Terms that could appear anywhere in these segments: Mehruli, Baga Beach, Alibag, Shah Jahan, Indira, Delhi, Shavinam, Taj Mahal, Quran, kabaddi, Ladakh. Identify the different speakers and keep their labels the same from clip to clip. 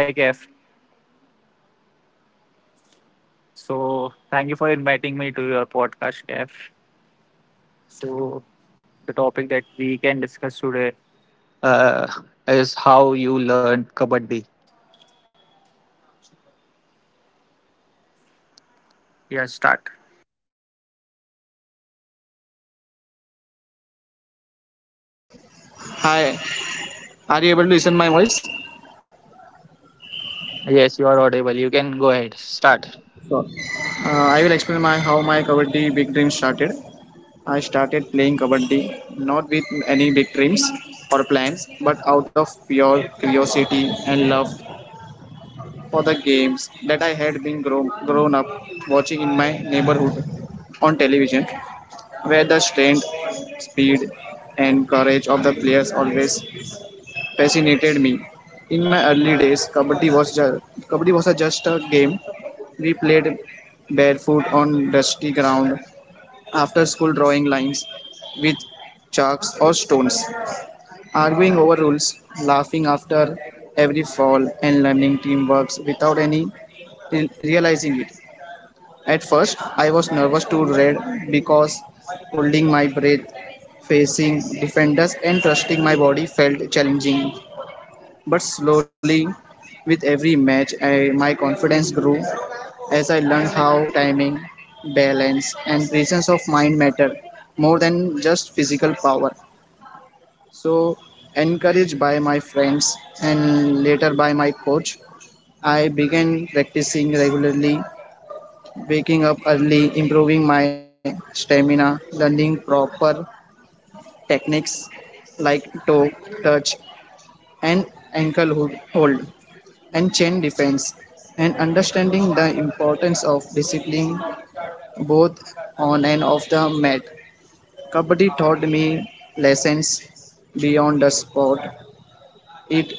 Speaker 1: Hi, Kef. So, thank you for inviting me to your podcast, Kef. So, the topic that we can discuss today is how you learn kabaddi. Yeah, start.
Speaker 2: Hi, are you able to listen my voice?
Speaker 1: Yes, you are audible. You can go ahead. Start.
Speaker 2: Sure. I will explain my how my kabaddi big dream started. I started playing kabaddi not with any big dreams or plans, but out of pure curiosity and love for the games that I had been grown up watching in my neighborhood on television, where the strength, speed, and courage of the players always fascinated me. In my early days, kabaddi was a just a game. We played barefoot on dusty ground after school, drawing lines with chalks or stones, arguing over rules, laughing after every fall, and learning teamwork without any realizing it. At first, I was nervous to read because holding my breath, facing defenders, and trusting my body felt challenging. But slowly, with every match, my confidence grew as I learned how timing, balance, and presence of mind matter more than just physical power. So, encouraged by my friends and later by my coach, I began practicing regularly, waking up early, improving my stamina, learning proper techniques like toe, touch, and hold. And chain depends and understanding the importance of discipline both on and off the mat. Kabaddi taught me lessons beyond the sport. It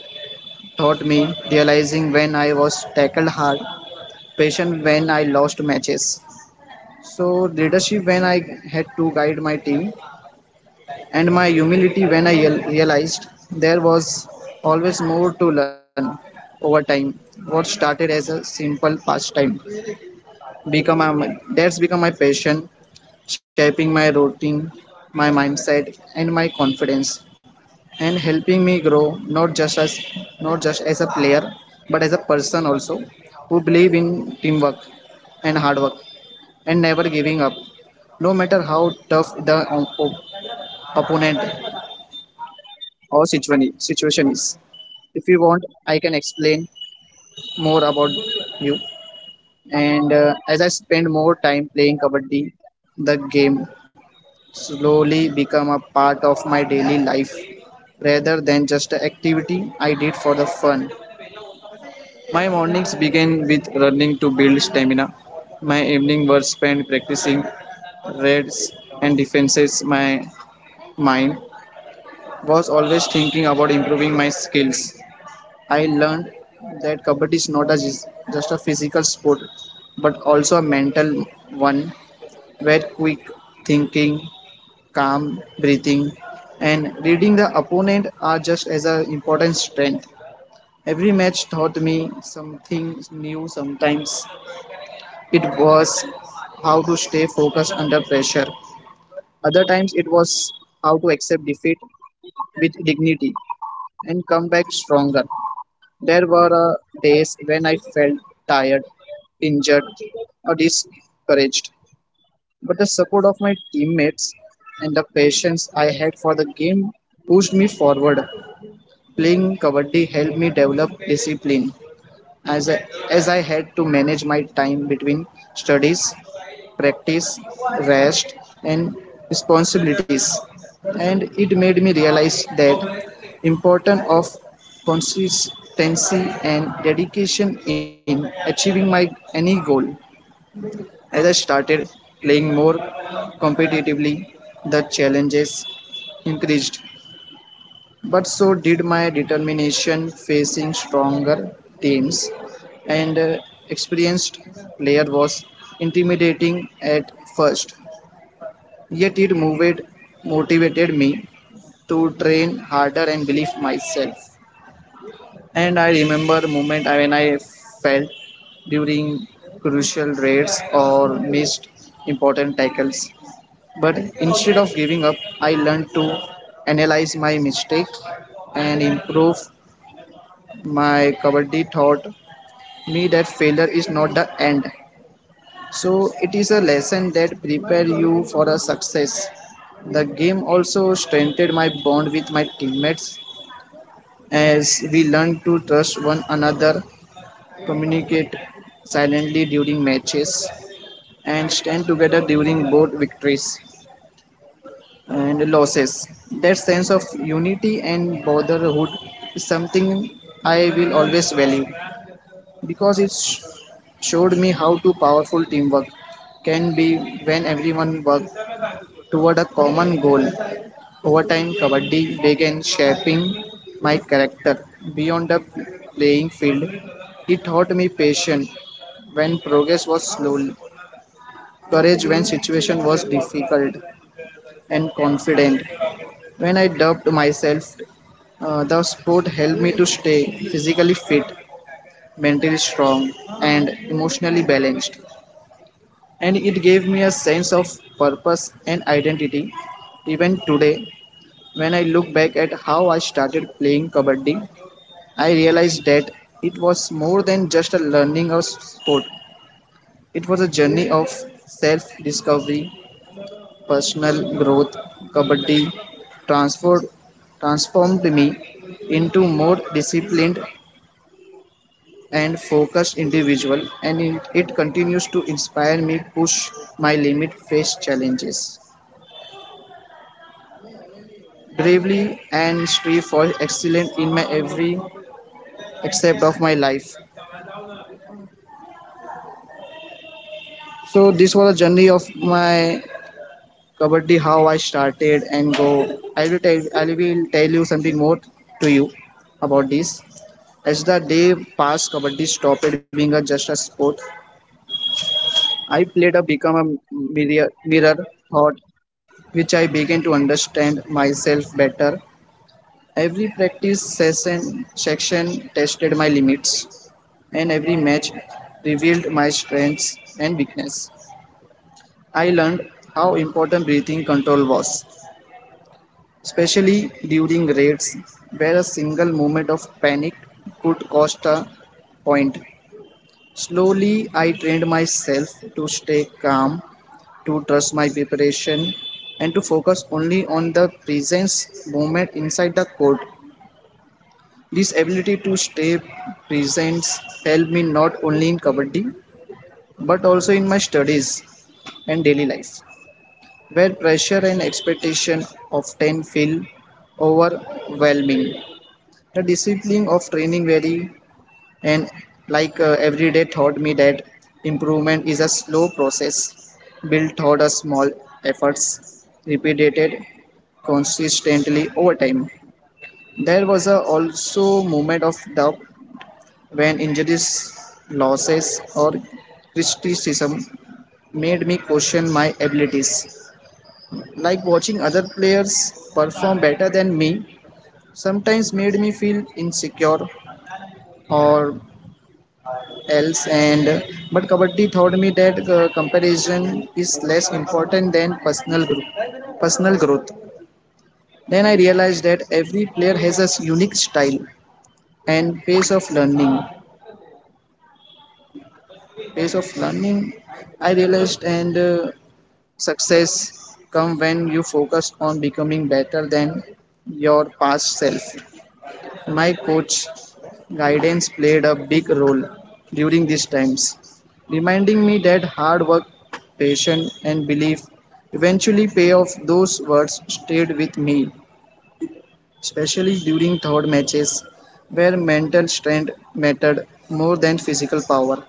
Speaker 2: taught me realizing when I was tackled hard, patience when I lost matches. So leadership when I had to guide my team, and my humility when I realized there was always more to learn over time. What started as a simple pastime become my, that's become my passion shaping my routine, my mindset and my confidence and helping me grow not just as a player but as a person also who believe in teamwork and hard work and never giving up no matter how tough opponent or situation is. If you want, I can explain more about you. And as I spend more time playing kabaddi, the game slowly become a part of my daily life rather than just an activity I did for the fun. My mornings began with running to build stamina. My evening were spent practicing raids and defenses. My mind was always thinking about improving my skills. I learned that kabaddi is not just a physical sport but also a mental one where quick thinking, calm breathing, and reading the opponent are just as an important strength. Every match taught me something new sometimes. It was how to stay focused under pressure. Other times it was how to accept defeat with dignity and come back stronger. There were days when I felt tired, injured, or discouraged, but the support of my teammates and the patience I had for the game pushed me forward. Playing kabaddi helped me develop discipline as I had to manage my time between studies, practice, rest, and responsibilities. And it made me realize that importance of consistency and dedication in achieving my any goal. As I started playing more competitively, the challenges increased, but so did my determination facing stronger teams and experienced player was intimidating at first, yet it moved motivated me to train harder and believe myself. And I remember moment when I fell during crucial raids or missed important tackles. But instead of giving up, I learned to analyze my mistake and improve. My kabaddi taught me that failure is not the end. So it is a lesson that prepares you for a success. The game also strengthened my bond with my teammates as we learned to trust one another, communicate silently during matches, and stand together during both victories and losses. That sense of unity and brotherhood is something I will always value because showed me how to powerful teamwork can be when everyone works toward a common goal. Over time, Kabaddi began shaping my character beyond the playing field. It taught me patience when progress was slow, courage when situation was difficult, and confident when I doubted myself. The sport helped me to stay physically fit, mentally strong, and emotionally balanced. And it gave me a sense of purpose and identity. Even today, when I look back at how I started playing Kabaddi, I realized that it was more than just a learning of sport. It was a journey of self discovery, personal growth. Kabaddi transformed, transformed me into more disciplined and focused individual, and it continues to inspire me, push my limit, face challenges bravely, and strive for excellence in my every aspect of my life. So this was a journey of my kabaddi, how I started and go. I will tell you something more to you about this. As the day passed, kabaddi stopped being a just a sport I played, a become a mirror thought, which I began to understand myself better. Every practice session section tested my limits, and every match revealed my strengths and weakness. I learned how important breathing control was, especially during raids, where a single moment of panic could cost a point. Slowly, I trained myself to stay calm, to trust my preparation, and to focus only on the presence moment inside the court. This ability to stay present helped me not only in kabaddi but also in my studies and daily life, where pressure and expectation often feel overwhelming. The discipline of training very and like every day taught me that improvement is a slow process built toward a small efforts repeated consistently over time. There was a also moment of doubt when injuries, losses or criticism made me question my abilities, like watching other players perform better than me sometimes made me feel insecure or else. And but kabaddi taught me that comparison is less important than personal growth. Then I realized that every player has a unique style and pace of learning. I realized, and success come when you focus on becoming better than your past self. My coach guidance played a big role during these times, reminding me that hard work, patience, and belief eventually pay off. Those words stayed with me, especially during third matches where mental strength mattered more than physical power.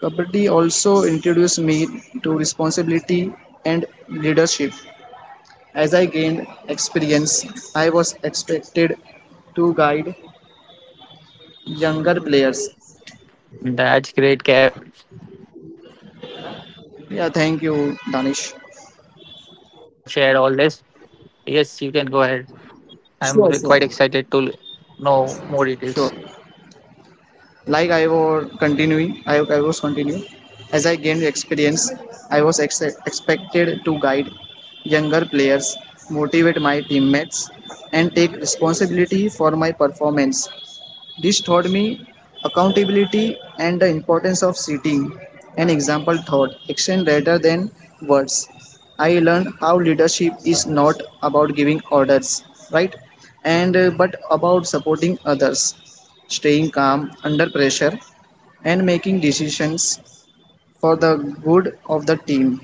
Speaker 2: Kabaddi also introduced me to responsibility and leadership. As I gained experience, I was expected to guide younger players.
Speaker 1: That's great, Kef. I am
Speaker 2: Yeah,
Speaker 1: really
Speaker 2: thank
Speaker 1: happy
Speaker 2: you,
Speaker 1: that you have
Speaker 2: Danish.
Speaker 1: shared all this. Yes, you can go ahead. Quite excited to
Speaker 2: Sure, sure,
Speaker 1: know more details.
Speaker 2: sure. Like I was continuing, I was continuing. As I gained experience, expected to guide younger players, motivate my teammates, and take responsibility for my performance. This taught me accountability and the importance of setting an example thought, action rather than words. I learned how leadership is not about giving orders, right? And but about supporting others, staying calm under pressure, and making decisions for the good of the team.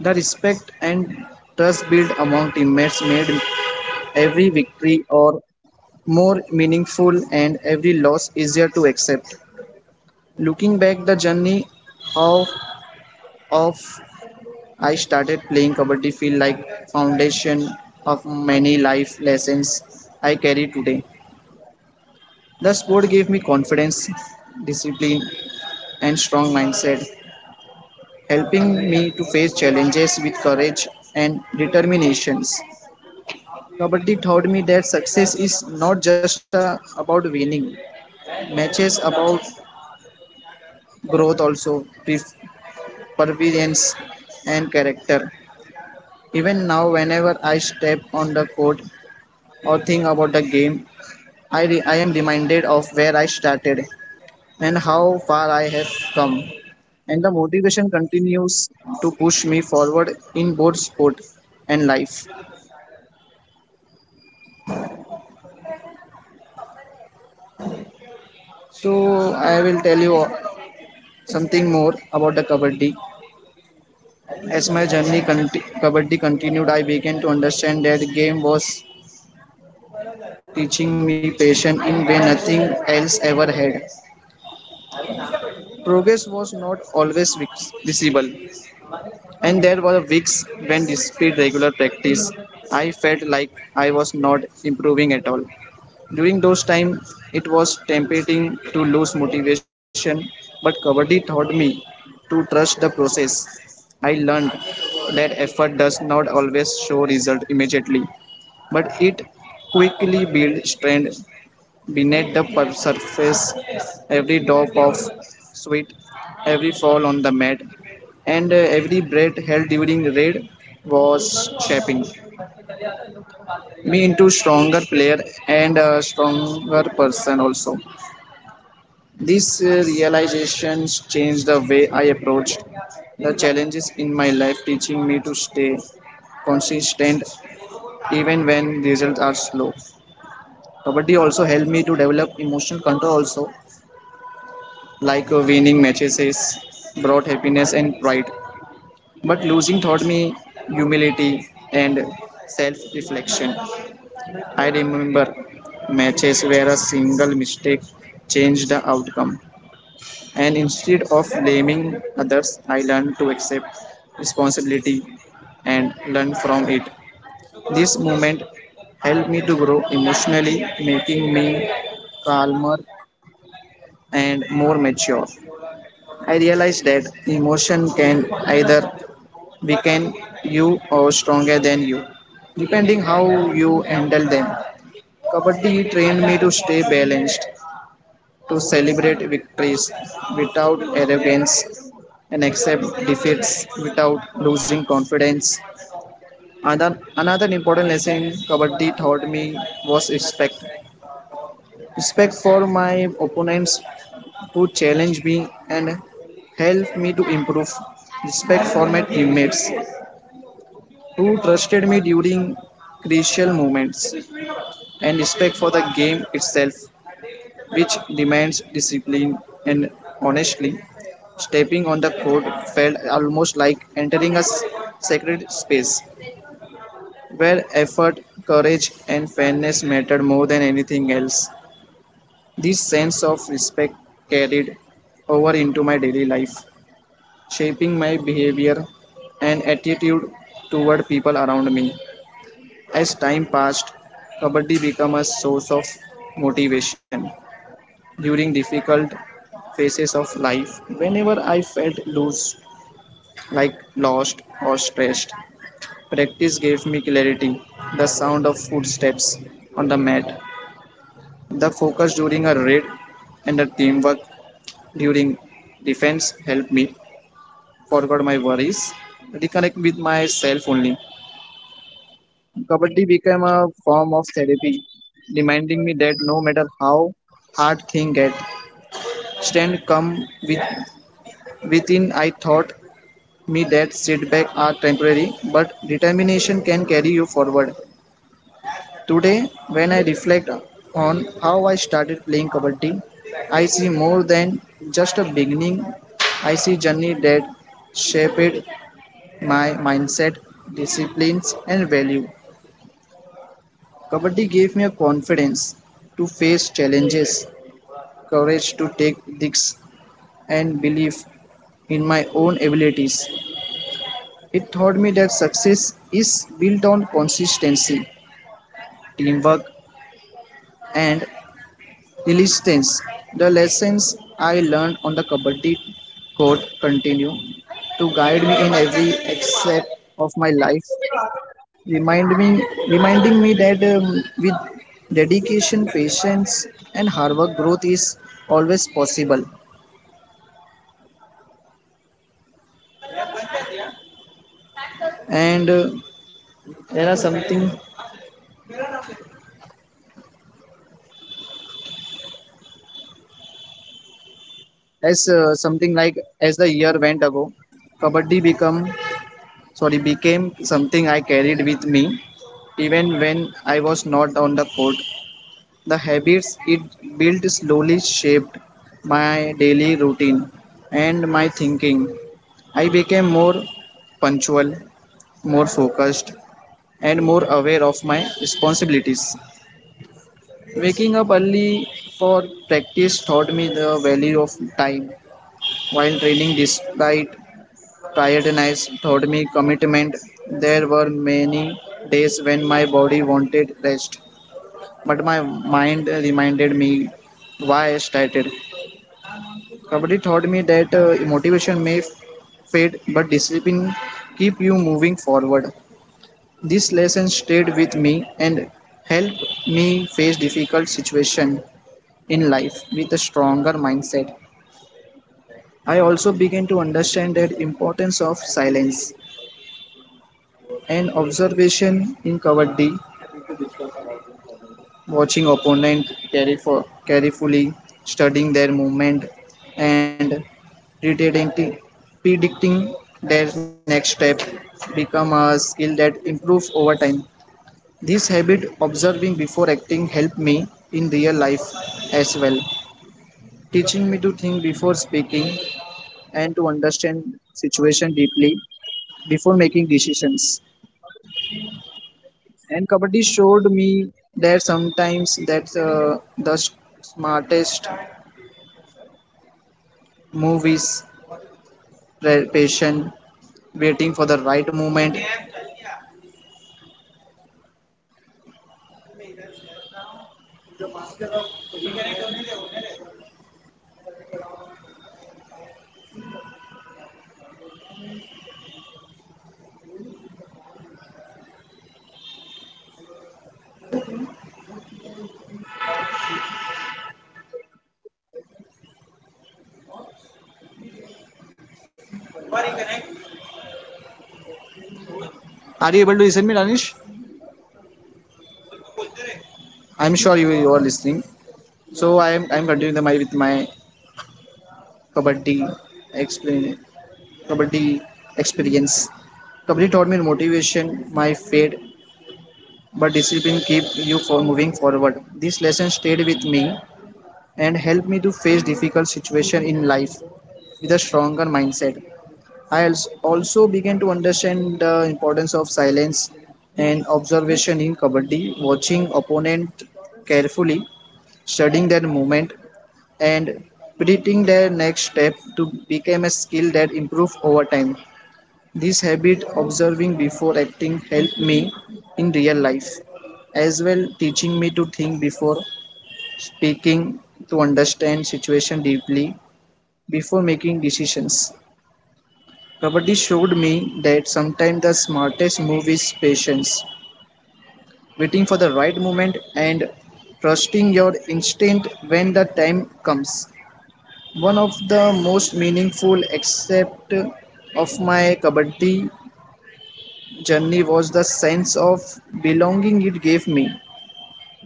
Speaker 2: The respect and trust built among teammates made every victory or more meaningful and every loss easier to accept. Looking back the journey of of I started playing kabaddi feel like foundation of many life lessons I carry today. The sport gave me confidence, discipline and strong mindset, helping me to face challenges with courage and determinations. Kabaddi taught me that success is not just about winning. Matches about growth also, perseverance and character. Even now, whenever I step on the court or think about the game, I am reminded of where I started and how far I have come. And the motivation continues to push me forward in both sport and life. So, I will tell you something more about the Kabaddi. As my Kabaddi continued, I began to understand that game was teaching me patience in way nothing else ever had. Progress was not always visible, and there were weeks when, despite regular practice, I felt like I was not improving at all. During those times, it was tempting to lose motivation, but Kabaddi taught me to trust the process. I learned that effort does not always show result immediately, but it quickly builds strength beneath the surface. Every drop of sweat, every fall on the mat, and every breath held during raid was shaping me into stronger player and a stronger person also. These realizations changed the way I approached the challenges in my life, teaching me to stay consistent even when results are slow. Kabaddi also helped me to develop emotional control also, like winning matches brought happiness and pride but losing taught me humility and self-reflection. I remember matches where a single mistake changed the outcome, and instead of blaming others I learned to accept responsibility and learn from it. This moment helped me to grow emotionally, making me calmer and more mature. I realized that emotion can either weaken you or stronger than you, depending how you handle them. Kabaddi trained me to stay balanced, to celebrate victories without arrogance, and accept defeats without losing confidence. Another important lesson Kabaddi taught me was respect. Respect for my opponents who challenge me and help me to improve. Respect for my teammates who trusted me during crucial moments and respect for the game itself which demands discipline and honestly stepping on the court felt almost like entering a sacred space where effort, courage, and fairness mattered more than anything else. This sense of respect carried over into my daily life, shaping my behavior and attitude toward people around me. As time passed, Kabaddi became a source of motivation during difficult phases of life. Whenever I felt loose, like lost or stressed, practice gave me clarity, the sound of footsteps on the mat, the focus during a raid, and the teamwork during defense helped me forget my worries, reconnect with myself only. Kabaddi became a form of therapy, reminding me that no matter how hard things get, strength come with, within. I taught me that setbacks are temporary, but determination can carry you forward. Today, when I reflect on how I started playing Kabaddi, I see more than just a beginning. I see journey that shaped my mindset, disciplines, and value. Kabaddi gave me a confidence to face challenges, courage to take risks, and belief in my own abilities. It taught me that success is built on consistency, teamwork, and resilience. The lessons I learned on the Kabaddi court continue to guide me in every aspect of my life reminding me that with dedication, patience, and hard work, growth is always possible. And there are something as something like as the year went ago, kabaddi become sorry became something I carried with me even when I was not on the court. The habits it built slowly shaped my daily routine and my thinking. I became more punctual, more focused and more aware of my responsibilities. Waking up early for practice taught me the value of time, while training despite tiredness taught me commitment. There were many days when my body wanted rest, but my mind reminded me why I started. Kabaddi taught me that motivation may fade, but discipline keep you moving forward. This lesson stayed with me and helped me face difficult situations in life with a stronger mindset. I also began to understand the importance of silence and observation in Kabaddi, watching opponent carry carefully, studying their movement, and predicting their next step become a skill that improves over time. This habit, observing before acting, helped me in real life as well, teaching me to think before speaking and to understand situation deeply before making decisions. And kabaddi showed me that sometimes that the smartest move is patient, waiting for the right moment. Are you able to listen me, Danish? I'm sure you are listening. So I'm continuing the my with my kabaddi explain Kabaddi experience. Kabaddi taught me motivation, my faith, but discipline keep you for moving forward. This lesson stayed with me and helped me to face difficult situations in life with a stronger mindset. I also began to understand the importance of silence and observation in Kabaddi, watching opponent carefully, studying their movement, and predicting their next step to become a skill that improve over time. This habit, observing before acting, helped me in real life as well, teaching me to think before speaking, to understand situation deeply before making decisions. Kabaddi showed me that sometimes the smartest move is patience, waiting for the right moment and trusting your instinct when the time comes. One of the most meaningful aspect of my Kabaddi journey was the sense of belonging it gave me.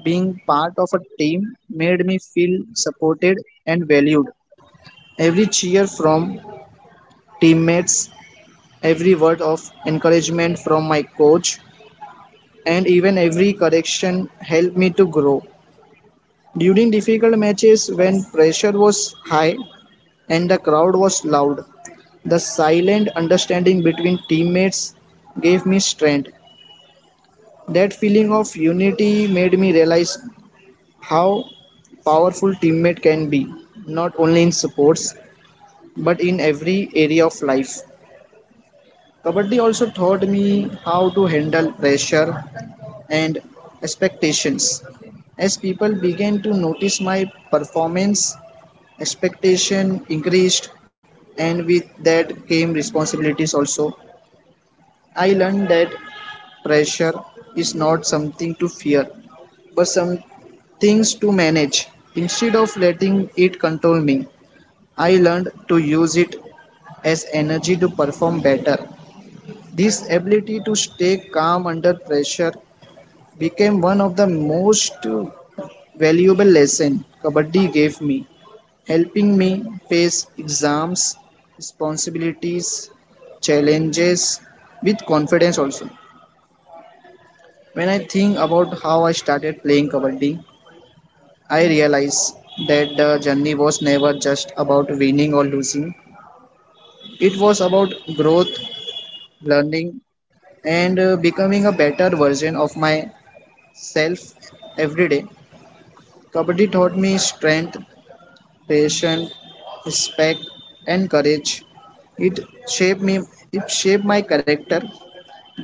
Speaker 2: Being part of a team made me feel supported and valued. Every cheer from teammates, every word of encouragement from my coach, and even every correction helped me to grow. During difficult matches, when pressure was high and the crowd was loud, the silent understanding between teammates gave me strength. That feeling of unity made me realize how powerful teammate can be not only in sports but in every area of life. Kabaddi also taught me how to handle pressure and expectations. As people began to notice my performance, expectation increased and with that came responsibilities also. I learned that pressure is not something to fear but some things to manage. Instead of letting it control me, I learned to use it as energy to perform better. This ability to stay calm under pressure became one of the most valuable lessons Kabaddi gave me, helping me face exams, responsibilities, challenges with confidence also. When I think about how I started playing Kabaddi, I realize that the journey was never just about winning or losing. It was about growth, learning, and becoming a better version of myself every day. Kabaddi taught me strength, patience, respect, and courage. It shaped me. It shaped my character,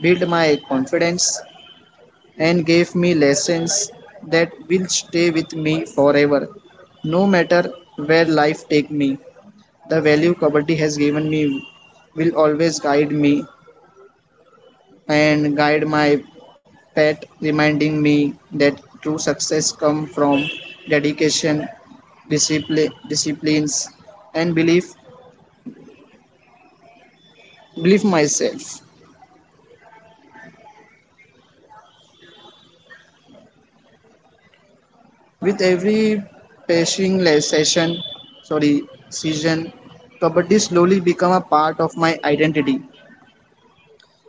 Speaker 2: built my confidence, and gave me lessons that will stay with me forever, no matter where life take me. The value Kabaddi has given me will always guide me and guide my Pat reminding me that true success comes from dedication, disciplines, and belief. Believe myself. With every passing sorry, season, Kabaddi slowly become a part of my identity.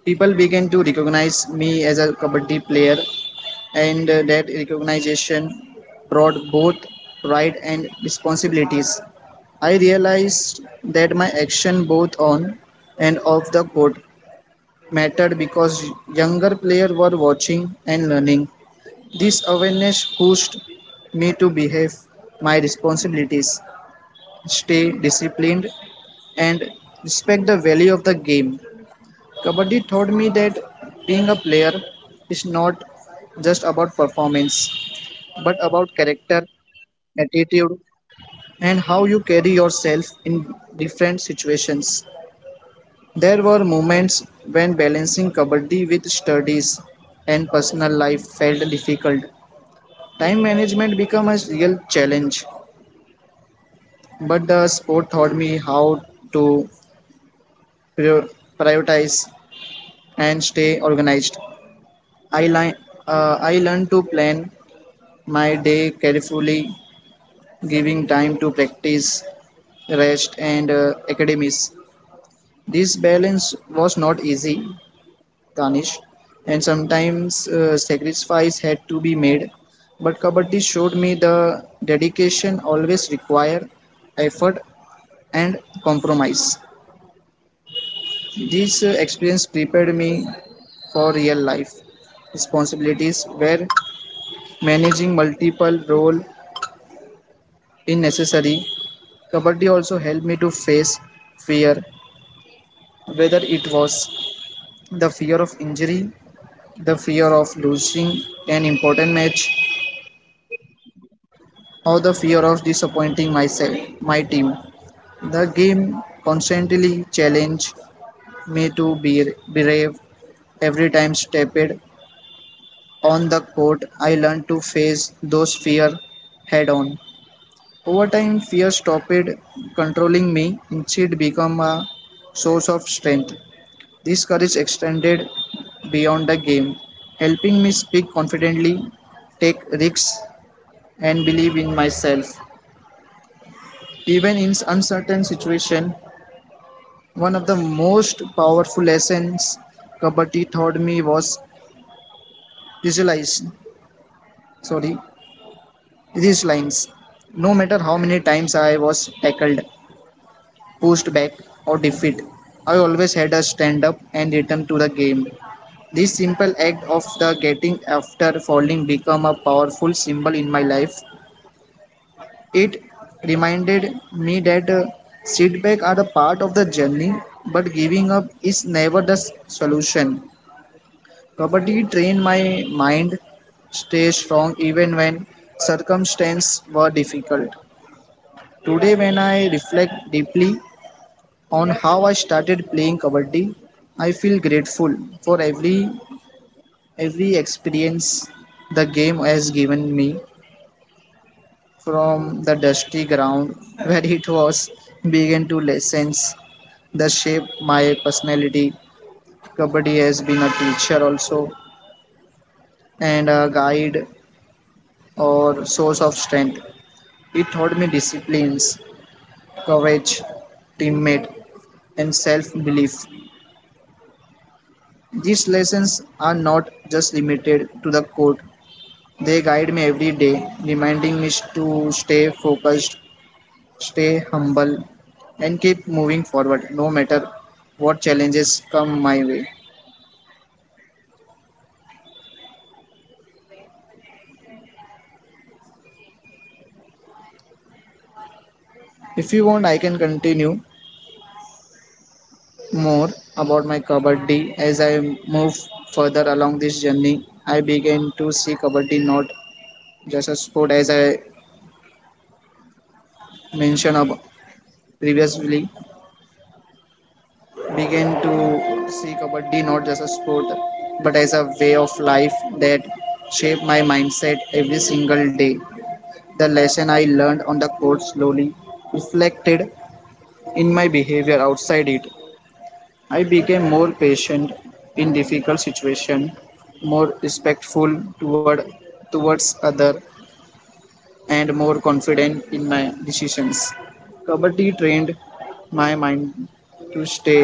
Speaker 2: People began to recognize me as a Kabaddi player. And That recognition brought both pride and responsibilities. I realized that my action both on and off the court mattered because younger players were watching and learning. This awareness pushed me to behave my responsibilities, stay disciplined, and respect the value of the game. Kabaddi taught me that being a player is not just about performance, but about character, attitude, and how you carry yourself in different situations. There were moments when balancing kabaddi with studies and personal life felt difficult. Time management became a real challenge, but the sport taught me how to prior- prioritize and stay organized. I, li- I learned to plan my day carefully, giving time to practice, rest, and academies. This balance was not easy, Danish, and sometimes sacrifice had to be made. But Kabaddi showed me the dedication always require effort and compromise. This experience prepared me for real life responsibilities where managing multiple roles is necessary. Kabaddi also helped me to face fear, whether it was the fear of injury, the fear of losing an important match, or the fear of disappointing myself, my team. The game constantly challenged me to be brave. Every time stepped on the court, I learned to face those fears head on. Over time, fear stopped controlling me. Instead, become a source of strength. This courage extended beyond the game, helping me speak confidently, take risks, and believe in myself. Even in uncertain situations, one of the most powerful lessons Kabaddi taught me was visualize. Sorry, these lines. No matter how many times I was tackled, pushed back, or defeated, I always had a stand up and return to the game. This simple act of the getting after falling became a powerful symbol in my life. It reminded me that setbacks are a part of the journey, but giving up is never the solution. Kabaddi trained my mind stay strong even when circumstances were difficult. Today, when I reflect deeply on how I started playing Kabaddi, I feel grateful for every experience the game has given me, from the dusty ground where it was, began to lessons that shape my personality. Kabaddi has been a teacher also and a guide or source of strength. It taught me disciplines, courage, teammate, and self belief. These lessons are not just limited to the court, they guide me every day, reminding me to stay focused, stay humble, and keep moving forward no matter what challenges come my way. If you want, I can continue more about my Kabaddi as I move further along this journey. I began to see Kabaddi not just a sport as I mentioned ab- previously, began to see Kabaddi not just a sport but as a way of life that shaped my mindset every single day. The lesson I learned on the court slowly reflected in my behavior outside it. I became more patient in difficult situations, more respectful towards others, and more confident in my decisions. Kabaddi trained my mind to stay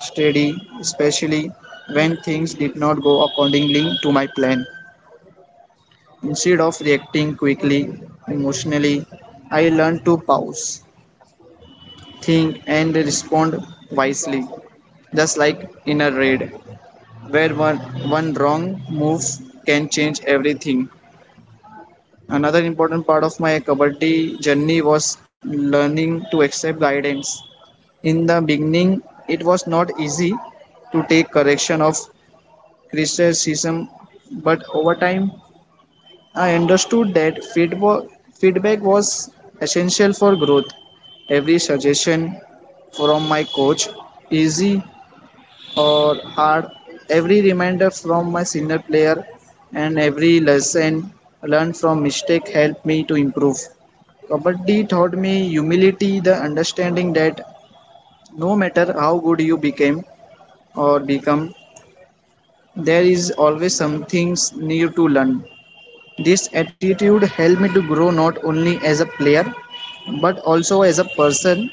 Speaker 2: steady, especially when things did not go accordingly to my plan. Instead of reacting quickly emotionally, I learned to pause, think, and respond wisely, just like in a raid, where one wrong move can change everything. Another important part of my Kabaddi journey was learning to accept guidance. In the beginning, it was not easy to take correction of criticism, but over time, I understood that feedback was essential for growth. Every suggestion from my coach, easy or hard, every reminder from my senior player and every lesson learned from mistake helped me to improve. Kabaddi taught me humility, the understanding that no matter how good you became or become there is always some things new to learn. This attitude helped me to grow not only as a player but also as a person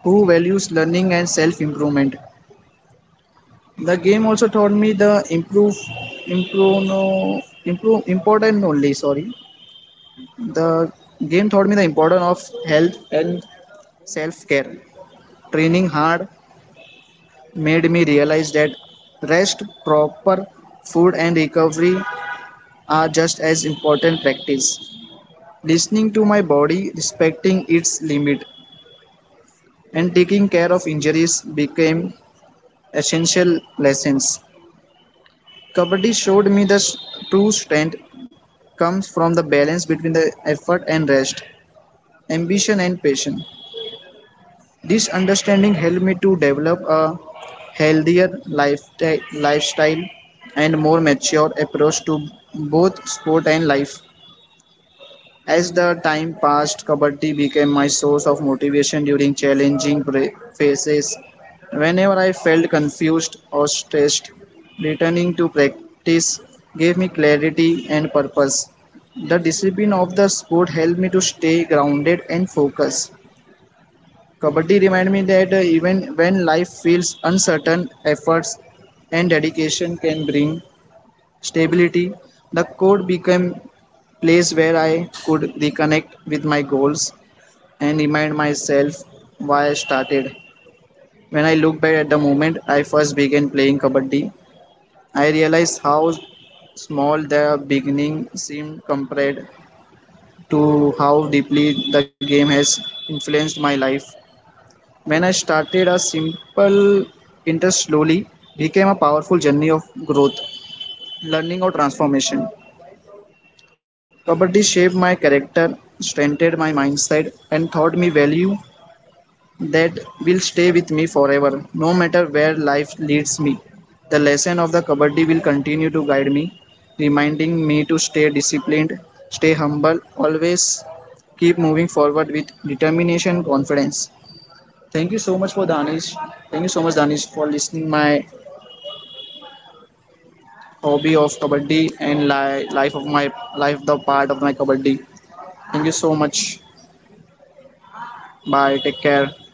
Speaker 2: who values learning and self improvement. The game also taught me the improve improve no improve important only sorry. The game taught me the importance of health and self care. Training hard made me realize that rest, proper food and recovery are just as important practice. Listening to my body, respecting its limit and taking care of injuries became essential lessons. Kabaddi showed me the true strength comes from the balance between the effort and rest, ambition and passion. This understanding helped me to develop a healthier lifeti- lifestyle and more mature approach to both sport and life. As the time passed, Kabaddi became my source of motivation during challenging phases. Whenever I felt confused or stressed, returning to practice gave me clarity and purpose. The discipline of the sport helped me to stay grounded and focused. Kabaddi reminded me that even when life feels uncertain, efforts and dedication can bring stability. The code became a place where I could reconnect with my goals and remind myself why I started. When I look back at the moment I first began playing kabaddi, I realize how small the beginning seemed compared to how deeply the game has influenced my life. When I started, a simple interest slowly became a powerful journey of growth, learning, or transformation. Comedy shaped my character, strengthened my mindset, and taught me value that will stay with me forever, no matter where life leads me. The lesson of the Kabaddi will continue to guide me, reminding me to stay disciplined, stay humble, always keep moving forward with determination and confidence. Thank you so much for Danish. Thank you so much, Danish, for listening my hobby of Kabaddi and life of my life the part of my Kabaddi. Thank you so much. Bye, take care.